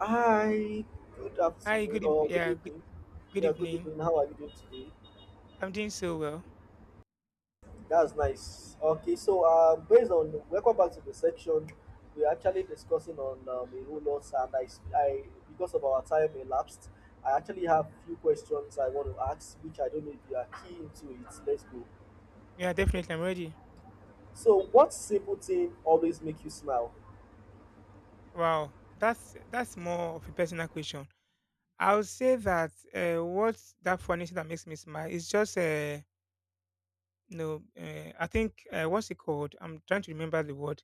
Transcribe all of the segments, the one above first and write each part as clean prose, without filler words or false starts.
Hi, good Hi, afternoon or good evening. good Yeah, good evening. evening. How are you doing today? I'm doing so well. That's nice. Okay, so based on welcome back to the section, we're actually discussing on a whole lot, and I because of our time elapsed, I actually have few questions I want to ask, which I don't know if you are keen to it. Let's go. Yeah, definitely, I'm ready. So, what simple thing always make you smile? Wow, that's more of a personal question. I would say that what that funny thing that makes me smile is just I think what's it called? I'm trying to remember the word.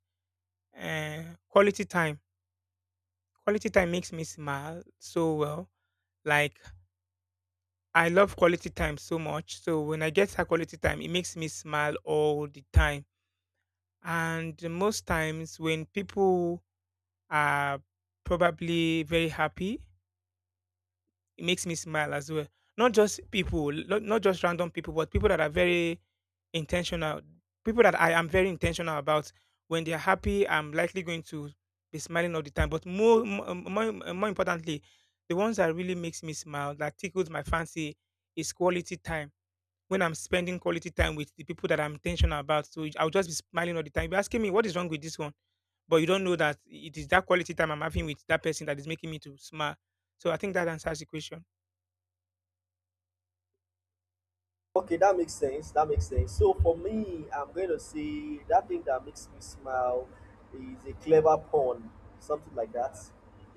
Quality time. Quality time makes me smile so well. Like I love quality time so much. So when I get that quality time, it makes me smile all the time. And most times when people are probably very happy. It makes me smile as well. Not just people, not just random people, but people that are very intentional. People that I am very intentional about. When they are happy, I'm likely going to be smiling all the time. But more importantly, the ones that really makes me smile, that tickles my fancy, is quality time. When I'm spending quality time with the people that I'm intentional about, so I'll just be smiling all the time. You're asking me what is wrong with this one but you don't know that it is that quality time I'm having with that person that is making me to smile. So I think that answers the question. Okay, that makes sense. That makes sense. So for me, I'm going to say that thing that makes me smile is a clever pun, something like that.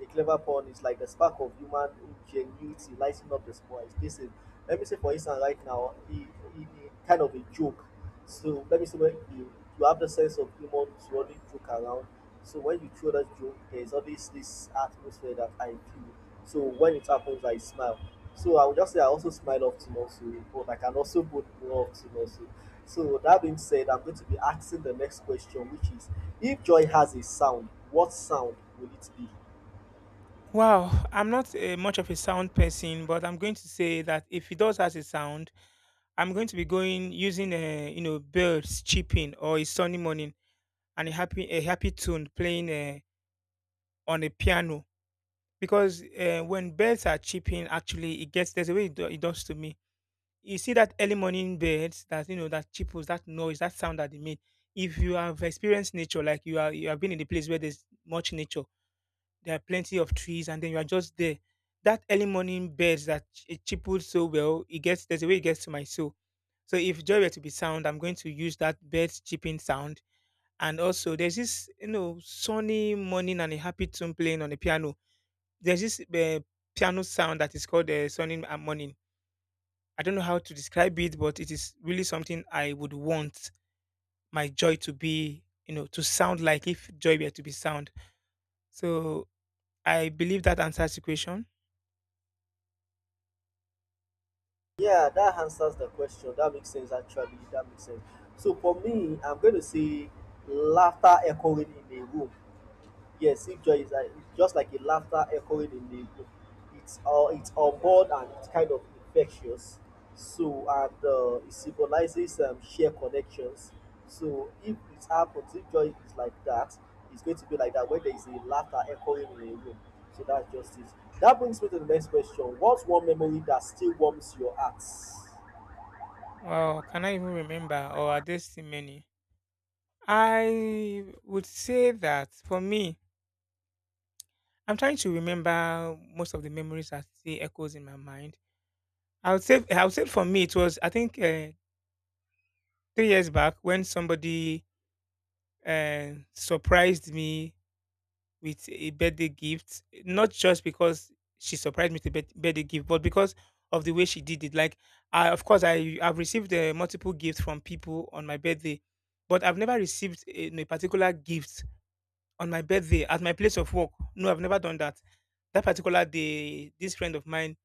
A clever pun is like the spark of human ingenuity lighting up the sky. This is, let me say, for instance, right now, it kind of a joke. So let me see when you have the sense of humor to always joke around. So when you throw that joke, there's always this atmosphere that I feel. So when it happens, I smile. So I would just say I also smile up to also, but I can also both grow up to also. So that being said, I'm going to be asking the next question, which is if joy has a sound, what sound will it be? Wow, I'm not much of a sound person, but I'm going to say that if it does has a sound, I'm going to be going using a you know birds chirping or a sunny morning and a happy tune playing on a piano because when birds are chirping, actually it gets there's a way it does to me. You see that early morning birds that you know that chirples that noise that sound that they make. If you have experienced nature, like you have been in a place where there's much nature, there are plenty of trees, and then you are just there. That early morning birds that it chippled so well, it gets there's a way it gets to my soul. So if joy were to be sound, I'm going to use that bird's chirping sound. And also, there's this you know sunny morning and a happy tune playing on the piano. There's this piano sound that is called the sunny morning. I don't know how to describe it, but it is really something I would want my joy to be, you know, to sound like if joy were to be sound. So I believe that answers the question. Yeah, that answers the question. That makes sense actually. That makes sense. So for me, I'm going to say laughter echoing in a room. Yes, if joy is like it's just like a laughter echoing in the room. It's all it's unborn and it's kind of infectious. So and it symbolizes sheer connections. So if it happens, if joy is like that, it's going to be like that when there is a laughter echoing in a room. So that's just it. That brings me to the next question. What's one memory that still warms your heart? Wow, can I even remember? Or are there still many? I would say that for me, I'm trying to remember most of the memories that still echoes in my mind. I would say for me it was I think 3 years back when somebody surprised me with a birthday gift, not just because she surprised me with a birthday gift, but because of the way she did it. Like, of course, I have received multiple gifts from people on my birthday, but I've never received a particular gift on my birthday at my place of work. No, I've never done that. That particular day, this friend of mine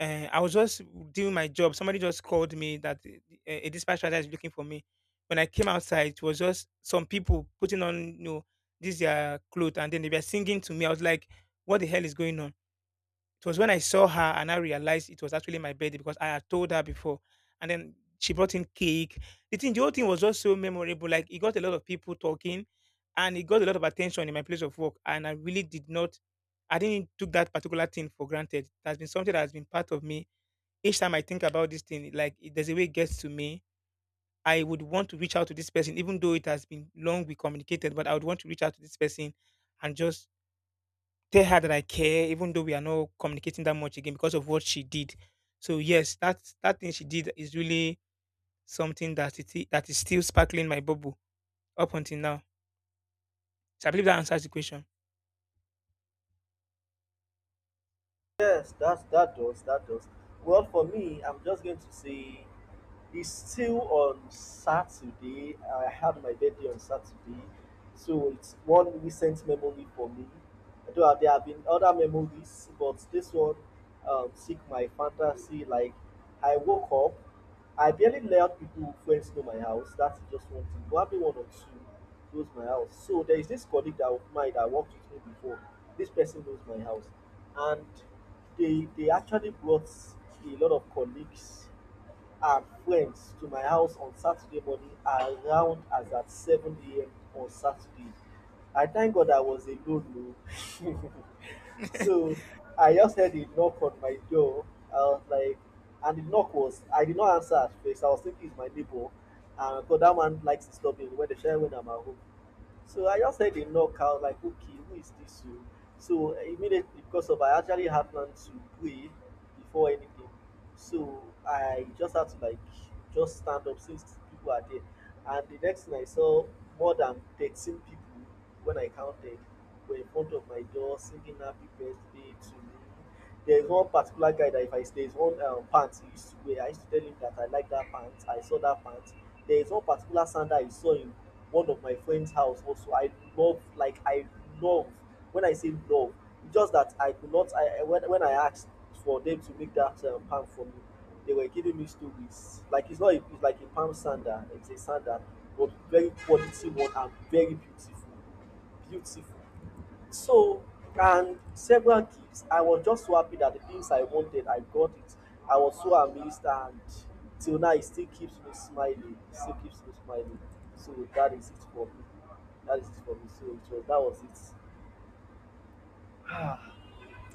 I was just doing my job. Somebody just called me that a dispatch rider is looking for me. When I came outside, it was just some people putting on, you know, this their clothes, and then they were singing to me. I was like, "What the hell is going on?" It was when I saw her and I realized it was actually my birthday because I had told her before, and then she brought in cake. The whole thing was just so memorable. Like it got a lot of people talking, and it got a lot of attention in my place of work. And I really did not, I didn't took that particular thing for granted. That's been something that has been part of me each time I think about this thing, like there's a way it gets to me. I would want to reach out to this person, even though it has been long we communicated, but I would want to reach out to this person and just tell her that I care, even though we are not communicating that much again because of what she did. So yes, that thing she did is really something that that is still sparkling my bubble up until now. So I believe that answers the question. Yes, that does that does. Well, for me, I'm just going to say it's still on Saturday. I had my birthday on Saturday, so it's one recent memory for me. Though there have been other memories, but this one seek my fantasy. Like I woke up, I barely let people friends know my house. That's just one thing. Probably one or two knows my house. So there is this colleague that of mine that worked with me before. This person knows my house, and they actually brought a lot of colleagues and friends to my house on Saturday morning around as at 7 a.m. on Saturday. I thank God I was alone. Oh. So I just heard a knock on my door. I was like, and the knock was, I did not answer at first. I was thinking it's my neighbor. And because that man likes to stop me when the share when I'm at home. So I just heard a knockout, like, okay, who is this? You? So immediately, because of I actually happened to pray before anything, so I just had to like just stand up since people are there. And the next thing I saw, more than 13 people when I counted were in front of my door singing happy birthday to me. There's one particular guy that if I there's one pants he used to wear. I used to tell him that I like that pants. I saw that pants. There's one particular sandal I saw in one of my friend's house. Also, I love like I love. When I say love, it's just that I could not. When I asked for them to make that palm for me, they were giving me stories. Like it's not. A, it's like a palm sandal. It's a sandal, but very quality one and very beautiful. Beautiful. So, and several gifts. I was just so happy that the things I wanted, I got it. I was so amazed, and till now, it still keeps me smiling. It still keeps me smiling. So that is it for me. That is it for me. So it was that was it.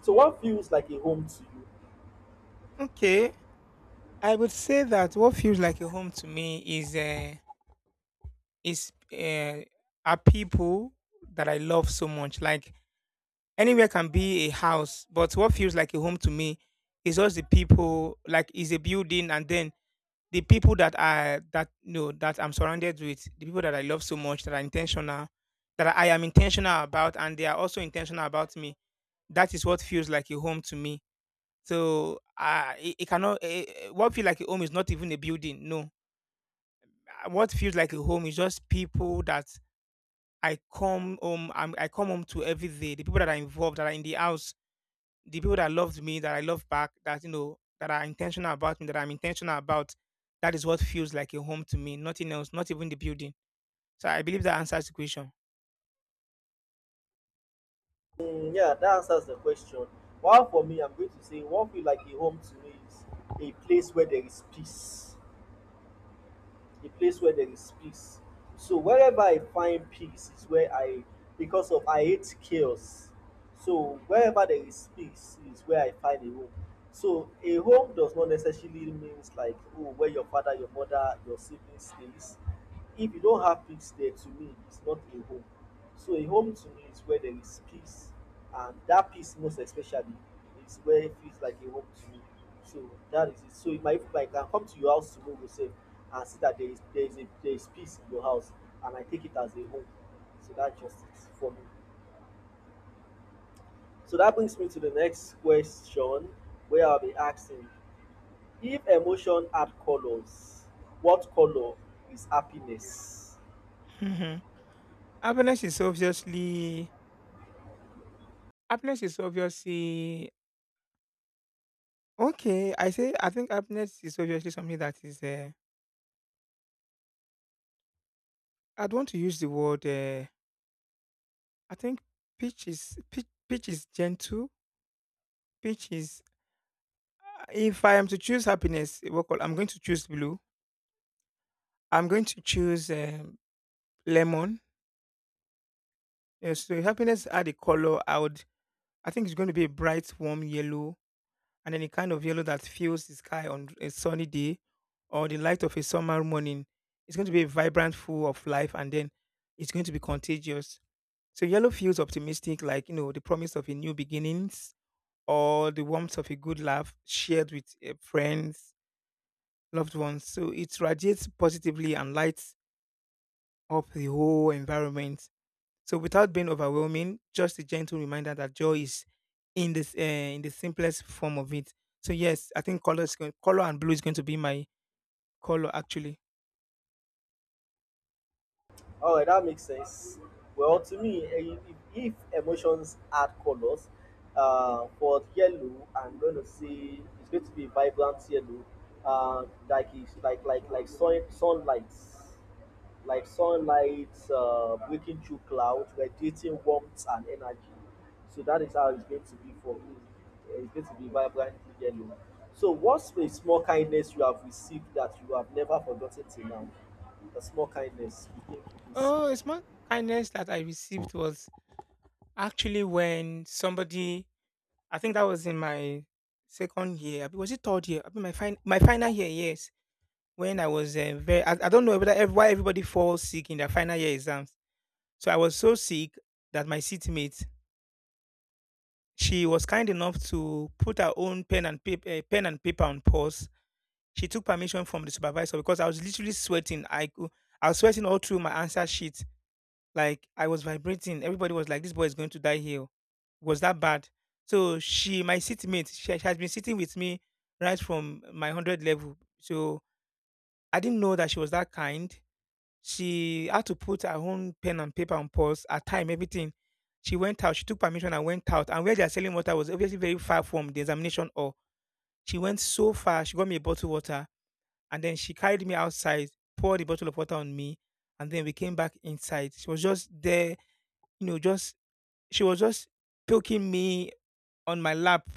So what feels like a home to you? Okay, I would say that what feels like a home to me is is uh, are people that I love so much, like anywhere can be a house, but what feels like a home to me is just the people. Like is a building, and then the people that I that you know that I'm surrounded with, the people that I love so much, that are intentional, that I am intentional about, and they are also intentional about me. That is what feels like a home to me. So it cannot. What feels like a home is not even a building. No, what feels like a home is just people that I come home to every day. The people that are involved, that are in the house, the people that loved me, that I love back, that you know, that are intentional about me, that I'm intentional about, that is what feels like a home to me. Nothing else, not even the building. So I believe that answers the question. Mm, yeah, that answers the question. While for me, I'm going to say what feels like a home to me is a place where there is peace, a place where there is peace. So wherever I find peace is where I, because of I hate chaos. So wherever there is peace is where I find a home. So a home does not necessarily means like oh where your father, your mother, your siblings stays. If you don't have peace there, to me, it's not a home. So a home to me is where there is peace, and that peace most especially is where it feels like a home to me. So that is it. So if my if I can come to your house tomorrow say and see that there is a there is peace in your house and I take it as a home. So that just it for me. So that brings me to the next question where I'll be asking if emotion had colors, what color is happiness? Mhm. happiness is obviously happiness is obviously okay. I say I think happiness is obviously something that is. I'd want to use the word. I think pitch is gentle. Pitch is. If I am to choose happiness, what call? I'm going to choose blue. I'm going to choose lemon. Yeah, so happiness add a color. I would. I think it's going to be a bright, warm yellow, and then a kind of yellow that fills the sky on a sunny day, or the light of a summer morning. It's going to be vibrant, full of life, and then it's going to be contagious. So yellow feels optimistic, like you know the promise of a new beginnings or the warmth of a good laugh shared with friends, loved ones. So it radiates positively and lights up the whole environment. So without being overwhelming, just a gentle reminder that joy is in this in the simplest form of it. So yes, I think color and blue is going to be my color actually. All right, that makes sense. Well, to me, if emotions add colors, for yellow, I'm going to see it's going to be vibrant yellow, like it's like sunlight like sunlight breaking through clouds, radiating warmth and energy. So that is how it's going to be for me. It's going to be vibrantly yellow. So what's a small kindness you have received that you have never forgotten till now? A small kindness you think you Oh, received. it's more kindness that I received was actually when somebody I think that was in my second year. Abi was it third year? I mean my my final year. Yes, when I was I don't know whether why everybody falls sick in their final year exams. So I was so sick that my seatmate she was kind enough to put her own pen and paper pen and paper on pause. She took permission from the supervisor because I was literally sweating. I was sweating all through my answer sheet. Like, I was vibrating. Everybody was like, "This boy is going to die here." It was that bad. So she my seatmate, she has been sitting with me right from my 100 level. So I didn't know that she was that kind. She had to put her own pen and paper on pause, her time, everything. She went out, she took permission and went out. And where they are selling water was obviously very far from the examination hall. She went so far, she got me a bottle of water and then she carried me outside, poured the bottle of water on me, and then we came back inside. She was just there, you know, just she was just poking me on my lap,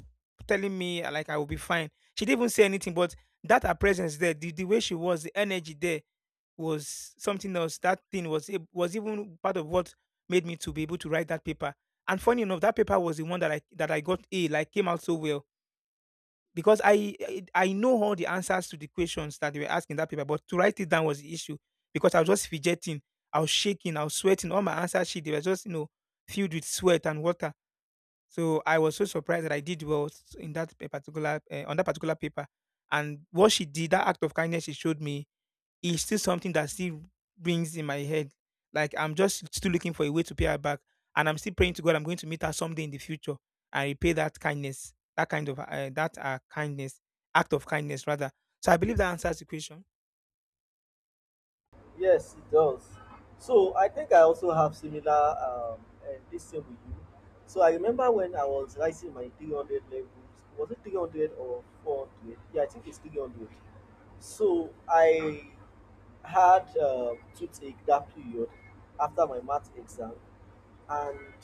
telling me like I will be fine. She didn't even say anything, but that her presence there, the way she was, the energy there, was something else. That thing was was even part of what made me to be able to write that paper. And funny enough, that paper was the one that I got A, like came out so well because I know all the answers to the questions that they were asking that paper, but to write it down was the issue because I was just fidgeting, I was shaking, I was sweating. All my answer sheet they were just you know filled with sweat and water. So I was so surprised that I did well in that particular on that particular paper. And what she did, that act of kindness she showed me is still something that still rings in my head. Like I'm just still looking for a way to pay her back, and I'm still praying to God. I'm going to meet her someday in the future and repay that kindness, that kind of that kindness, act of kindness rather. So I believe that answers the question. Yes, it does. So I think I also have similar this same with you. So I remember when I was rising my 300 levels, was it 300 or 400? Yeah, I think it's 300. So I had toothache that period after my math exam. And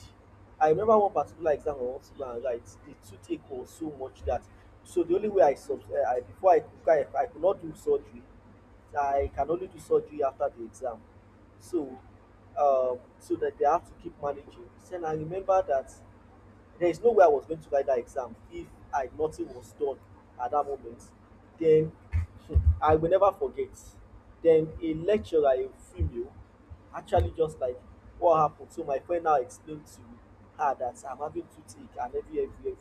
I remember one particular exam I want to go and write. The toothache was so much that so the only way I sub I before I could I could not do surgery. I can only do surgery after the exam. So so that they have to keep managing. Then I remember that there is no way I was going to write that exam if I nothing was done at that moment. Then hmm, I will never forget. Then a lecturer, a female, actually just like what happened. So my friend now explained to her that I'm having toothache and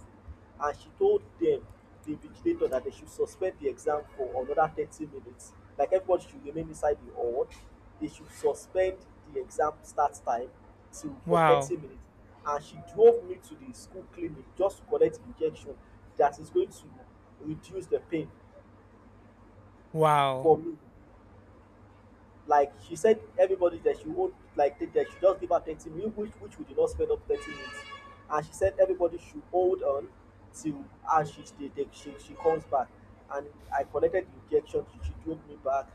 and she told them the vigilator that they should suspend the exam for another 30 minutes. Like everybody should remain inside the hall. They should suspend the exam start time to for Wow, 30 minutes, and she drove me to the school clinic just to collect injection that is going to reduce the pain wow. for me. Like she said everybody that she would like take that she just give her 30 million, which we did not spend up 30 minutes, and she said everybody should hold on till and she, they, she comes back, and I collected the injection. She drove me back.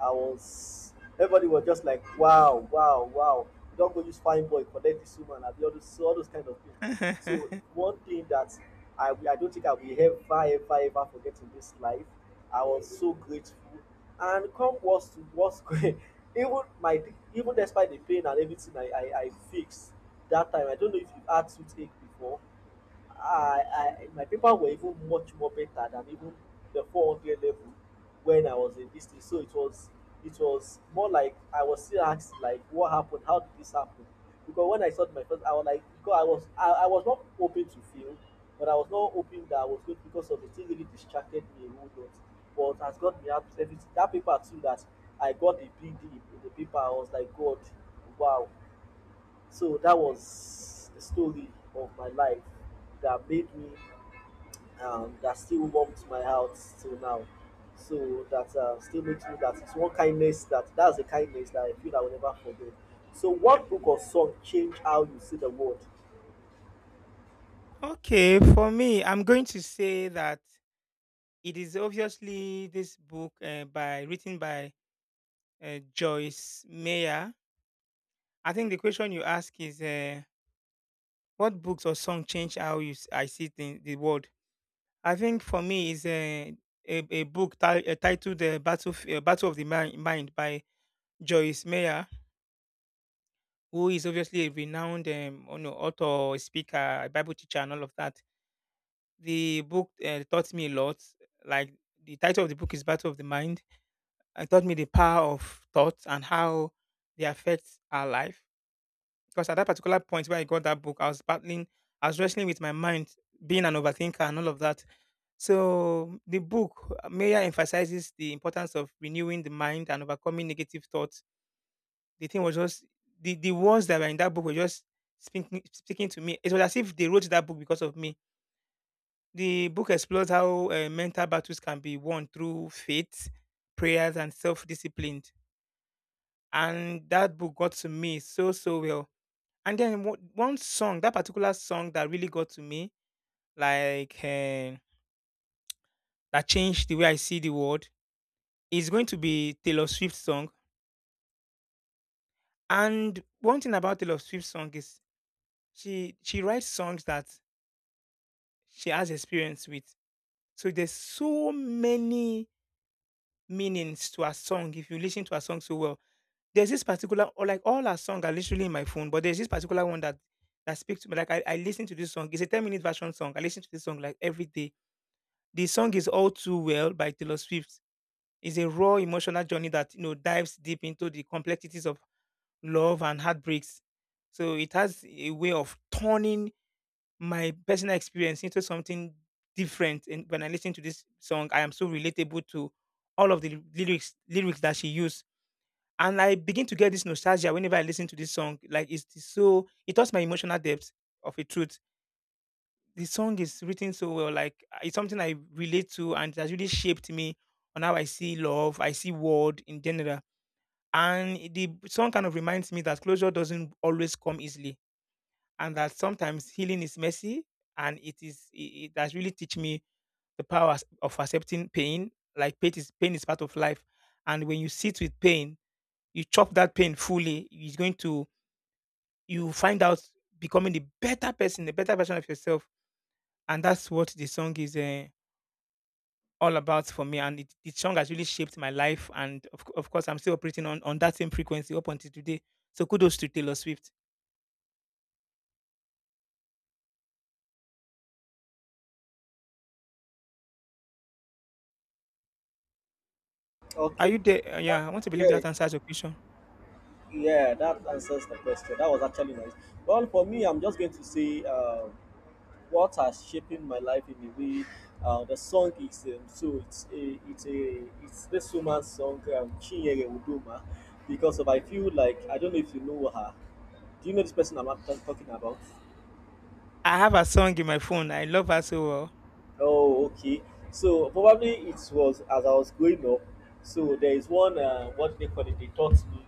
I was everybody was just like wow wow wow you don't go use fine boy collect this woman and all those kind of things. So one thing that I don't think I will ever ever ever forget in this life. I was so grateful. And come worst to worst, even my even despite the pain and everything I fixed that time, I don't know if you've had toothache before. I my paper were even much more better than even the 400 level when I was in this thing. So it was more like I was still asked like what happened, how did this happen? Because when I started my first, I was like because I was I was not hoping to fail, but I was not hoping that I was good because of the thing really distracted me a whole lot. But has got me out of everything. That paper too that I got the big in the paper, I was like God, wow so that was the story of my life that made me, that still warms my heart till now. So that still makes me that it's one kindness that that's a kindness that I feel I will never forget. So what book or song changed how you see the world? Okay, for me, I'm going to say that it is obviously this book by written by Joyce Mayer. I think the question you ask is. What books or song change how you I see things, the world? I think for me is a book titled "The Battle Battle of the Mind" Mind by Joyce Meyer, who is obviously a renowned you know, author, speaker, Bible teacher, and all of that. The book taught me a lot. Like the title of the book is "Battle of the Mind." It taught me the power of thoughts and how they affect our life. Because at that particular point where I got that book, I was battling, I was wrestling with my mind, being an overthinker, and all of that. So the book Meyer emphasizes the importance of renewing the mind and overcoming negative thoughts. The thing was just the words that were in that book were just speaking to me. It was as if they wrote that book because of me. The book explores how mental battles can be won through faith, prayers, and self-discipline. And that book got to me so well. And then one song, that particular song that really got to me, like eh, that changed the way I see the world. It's going to be Taylor Swift song. And one thing about Taylor Swift song is she writes songs that she has experience with. So there's so many meanings to her song if you listen to her song so well. There's this particular or like all her songs are literally in my phone, but there's this particular one that speaks to me. Like I listen to this song. It's a 10-minute version song. I listen to this song like every day. The song is All Too Well by Taylor Swift. It's a raw emotional journey that you know dives deep into the complexities of love and heartbreaks. So it has a way of turning my personal experience into something different. And when I listen to this song, I am so relatable to all of the lyrics that she used. And I begin to get this nostalgia whenever I listen to this song. Like it's so it touched my emotional depth of a truth. The song is written so well, like it's something I relate to and it has really shaped me on how I see love, I see world in general. And the song kind of reminds me that closure doesn't always come easily and that sometimes healing is messy and it has really teach me the power of accepting pain, like pain is part of life, and when you sit with pain you chop that pain fully, it's going to, you find out becoming the better person, the better version of yourself. And that's what the song is all about for me, and it, the song has really shaped my life. And of course I'm still operating on that same frequency up until today. So kudos to Taylor Swift. Are Okay. you there? That, Yeah, I want to believe yeah, that answers your question. yeah, that answers the question. That was actually nice. Well, for me, I'm just going to say. What are shaping my life in a way. The song is so it's a it's a it's this woman's song Chinyere Udoma because of I feel like I don't know if you know her. Do you know this person I'm not talking about? I have her song in my phone. I love her so well. Oh, okay. So probably it was as I was growing up. So there is one what do they call it? They taught me.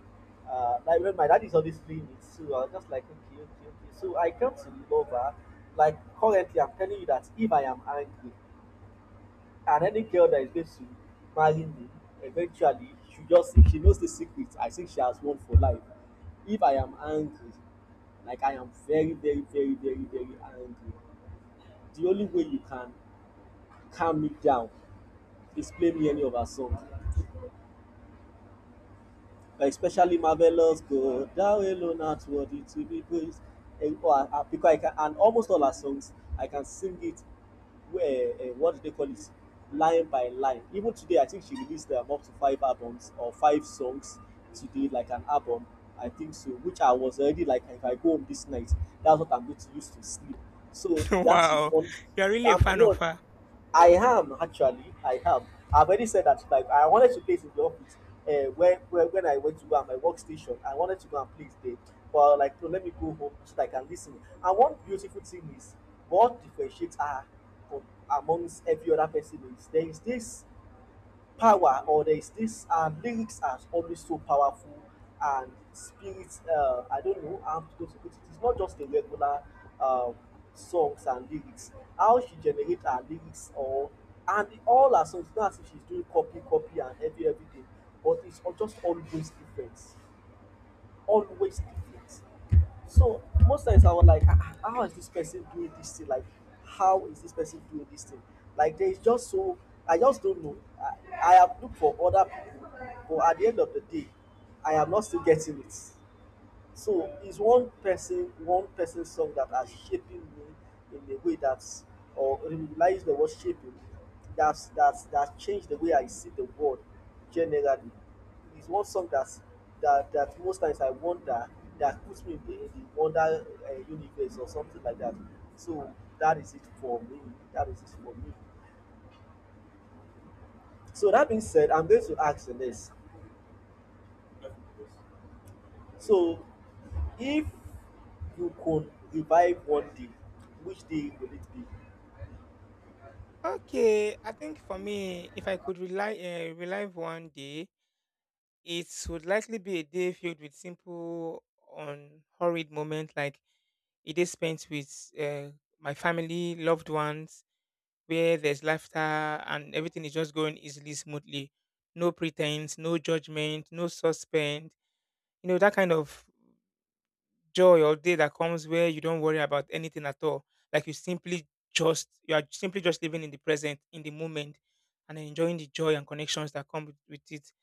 Like when my dad is always playing it, so I was just like okay, okay, okay. So I come to love her. Like currently, I'm telling you that if I am angry, and any girl that is going to marry me eventually, she just, if she knows the secret, I think she has won for life. If I am angry, like I am very very very very very angry, the only way you can calm me down is play me any of her song, especially Marvelous God, thou alone art worthy to be praised. And, oh, because I can, and almost all our songs, I can sing it. Where what do they call it? Line by line. Even today, I think she released up to five albums or five songs today, like an album. I think so, which I was already like, if I go home this night, that's what I'm going to use to sleep. So that is Wow, one. you're really a fan of No, her. I am actually. I am. I've already said that. Like I wanted to play it in the office. When I went to go at my workstation, I wanted to go and play it there. But I was like, no, let me go home so that I can listen. And one beautiful thing is what differentiates her from amongst every other person is there is this power, or there is this, lyrics are always so powerful and spirit. I don't know how I'm supposed to put it. It's not just a regular um, songs and lyrics, how she generate her lyrics, or and all her songs, not as if she's doing copy copy and everything, but it's just always different, always defeat. So most times I was like, ah, ah, how is this person doing this thing? Like, how is this person doing this thing? Like, there is just so, I just don't know. I have looked for other people, but at the end of the day, I am not still getting it. So it's one person song that has shaping me in a way that's or realize the word shaping, that's that changed the way I see the world generally. It's one song that most times I wonder, that puts me in the wonder universe or something like that. So that is it for me. That is it for me. So that being said, I'm going to ask the next. So if you could revive one day, which day will it be? Okay, I think for me, if I could rely relive one day, it would likely be a day filled with simple, unhurried moments, like a day spent with my family, loved ones, where there's laughter and everything is just going easily, smoothly. No pretense, no judgment, no suspense. You know, that kind of joy or day that comes where you don't worry about anything at all. Like you simply just you are simply just living in the present, in the moment, and enjoying the joy and connections that come with it.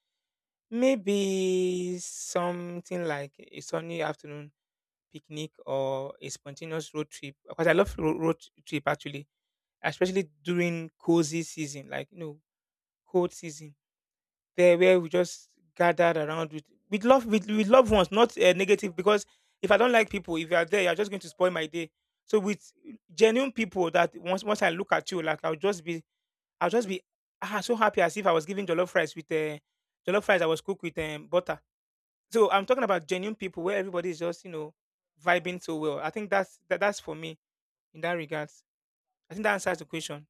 Maybe something like a sunny afternoon picnic or a spontaneous road trip. Because I love road trip actually, especially during cozy season, like you know, cold season there, where we just gathered around with loved ones, not negative. Because if I don't like people, if you are there, you're just going to spoil my day. So with genuine people, that once I look at you, like I'll just be ah so happy as if I was giving jollof rice with jollof rice I was cooked with butter. So I'm talking about genuine people where everybody is just you know vibing so well. I think that's for me in that regards. I think that answers the question.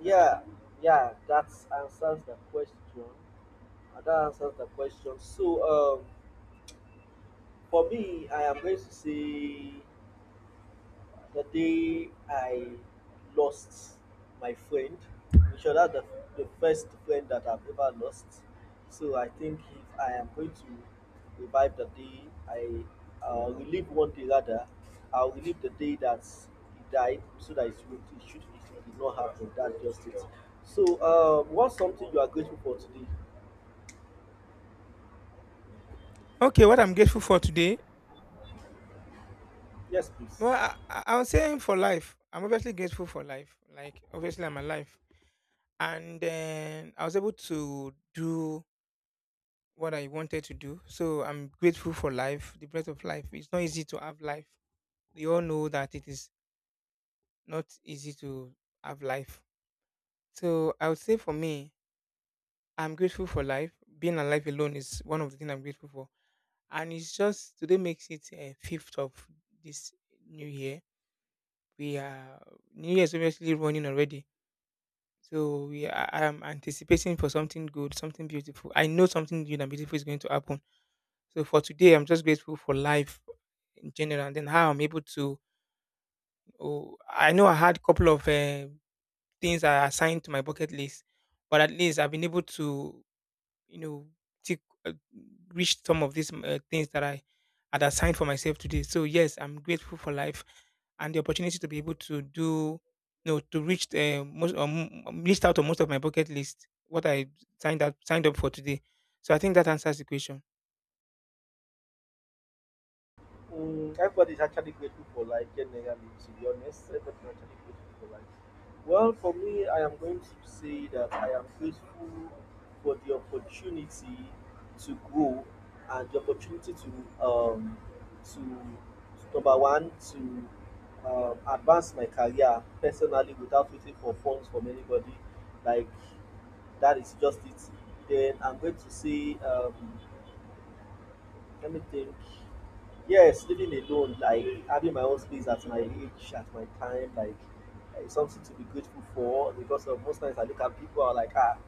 Yeah, yeah, that answers the question. That answers the question. So for me, I am going to say the day I lost my friend. In short, that's the first friend that I've ever lost. So I think if I am going to revive the day, I relive one day rather, I'll relive the day that he died so that it should, it should, it did not happen. That's just it. So, what's something you are grateful for today? Okay, what I'm grateful for today. Yes, please. Well, I would say for life. I'm obviously grateful for life. Like, obviously, I'm alive. And then I was able to do what I wanted to do. So I'm grateful for life, the breath of life. It's not easy to have life. We all know that it is not easy to have life. So I would say for me, I'm grateful for life. Being alive alone is one of the things I'm grateful for. And it's just today makes it a fifth of this new year. We are, New Year's obviously running already. So we are, I am anticipating for something good, something beautiful. I know something good and beautiful is going to happen. So for today, I'm just grateful for life in general, and then how I'm able to. Oh, I know I had a couple of things I assigned to my bucket list, but at least I've been able to, you know, tick, uh, reach some of these things that I had assigned for myself today. So yes, I'm grateful for life and the opportunity to be able to do, no, to reach the most list out of most of my bucket list what I signed up for today. So I think that answers the question. Mm, everybody's actually grateful for life, generally, to be honest. Everybody's actually grateful for life. Well, for me, I am going to say that I am grateful for the opportunity to grow, and the opportunity to number one, to, advance my career personally without waiting for funds from anybody. Like, that is just it. Then I'm going to say, let me think. Yes, living alone, like having my own space at my age, at my time, like, something to be grateful for. Because of most times I look at people, are like, ah,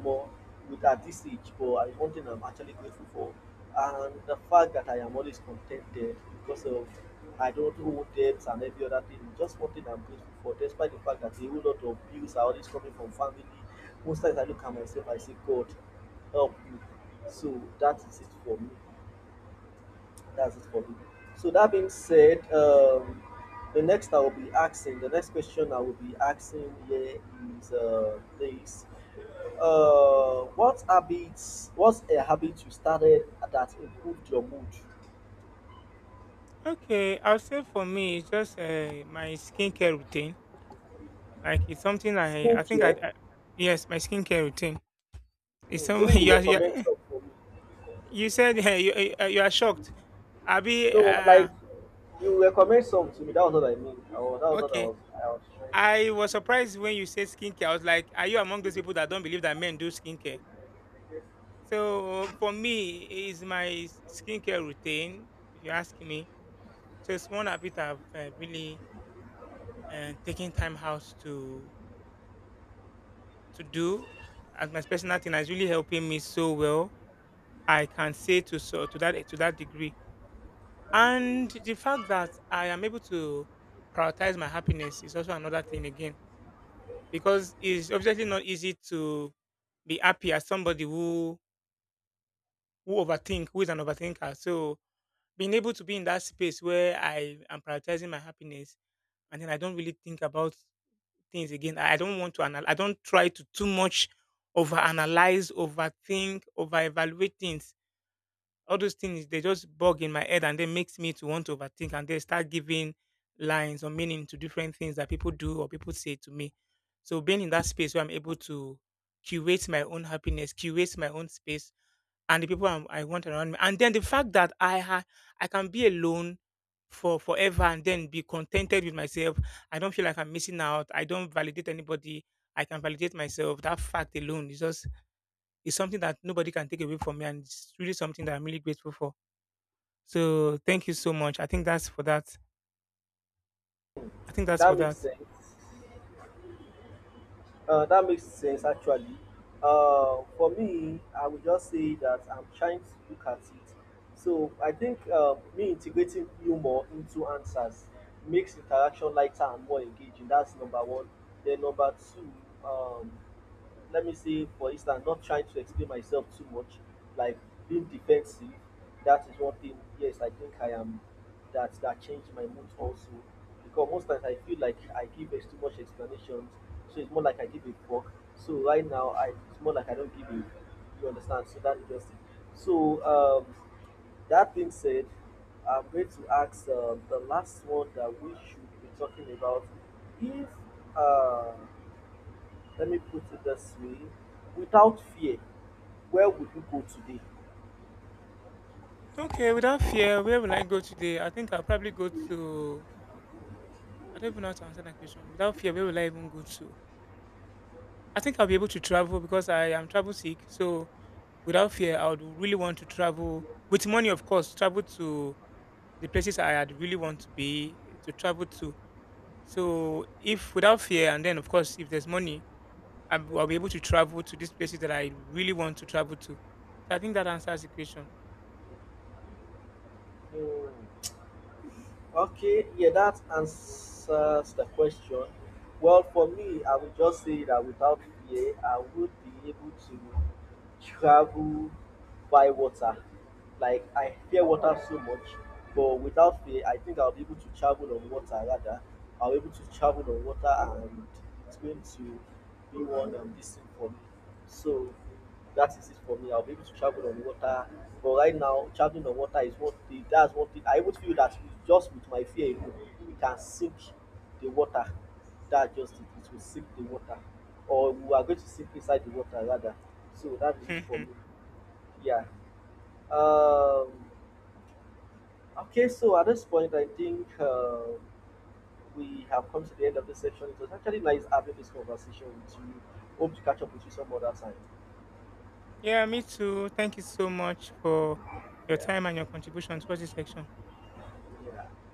more with at this age, but I, one thing I'm actually grateful for, and the fact that I am always contented because of I don't owe debts and every other thing. Just one thing I'm grateful for, despite the fact that a whole lot of bills are always coming from family. Most times I look at myself, I say, God, help me. So that is it for me. That's it for me. So that being said, the next I will be asking, the next question I will be asking here is this: what habits? What's a habit you started that improved your mood? Okay, I'll say for me it's just my skincare routine. Like it's something Skincare. I yes my skincare routine. It's Hmm, some maybe you recommend some for me. you said you are shocked. Abi No, like, you recommend some to me. That was what I mean. I was, that was what I okay. was, I was trying to say. I was surprised when you said skincare. I was like, are you among those people that don't believe that men do skincare? So for me, is my skincare routine. If you ask me, so it's one habit I've really taken time out to do as my personal thing. Is really helping me so well. I can say to so to that degree, and the fact that I am able to prioritize my happiness is also another thing again, because it's obviously not easy to be happy as somebody who overthink, who is an overthinker. So being able to be in that space where I am prioritizing my happiness, and then I don't really think about things again. I don't want to I don't try to too much overanalyze, overthink, over evaluate things. All those things they just bug in my head and then makes me to want to overthink and then start giving lines or meaning to different things that people do or people say to me. So being in that space where I'm able to curate my own happiness, curate my own space and the people I want around me. And then the fact that I can be alone for forever and then be contented with myself. I don't feel like I'm missing out. I don't validate anybody. I can validate myself. That fact alone is just is something that nobody can take away from me, and it's really something that I'm really grateful for. So thank you so much. I think that's for that. I think that's for That makes that. sense. That makes sense actually. For me, I would just say that I'm trying to look at it. So I think, me integrating humor into answers makes interaction lighter and more engaging. That's number one. Then number two, um, let me say, for instance, not trying to explain myself too much, like being defensive, that is one thing. Yes, I think I am, that that changed my mood also, because most times I feel like I give too much explanations. So it's more like I give a fuck. So right now, I, it's more like I don't give a, you understand. So that is just it. So, that being said, I'm going to ask, the last one that we should be talking about. If, uh let me put it this way, without fear, where would you go today? Okay, without fear, where will I go today? I think I'll probably go to. I don't even know how to answer that question. Without fear, where will I even go to? I think I'll be able to travel because I am travel sick. So without fear, I would really want to travel with money, of course. Travel to the places I had really want to be to travel to. So if without fear, and then of course if there's money, I'll be will be able to travel to these places that I really want to travel to. So I think that answers the question. Hmm. Okay, yeah, that answers the question. Well, for me, I would just say that without fear, I would be able to travel by water. Like I fear water so much, but without fear, I think I'll be able to travel on water rather. I'll be able to travel on water, and it's going to be one, this thing for me. So that is it for me. I'll be able to travel on water. But right now, traveling on water is what thing. That's what thing. I would feel that, just with my fear alone, we can sink the water. That just it. It will sink the water. Or we are going to sink inside the water rather. So that is it for me. Yeah. Um, okay, so at this point, I think, we have come to the end of this section. It was actually nice having this conversation with you. Hope to catch up with you some other time. Yeah, me too. Thank you so much for your Yeah. time and your contribution towards this section. Yeah.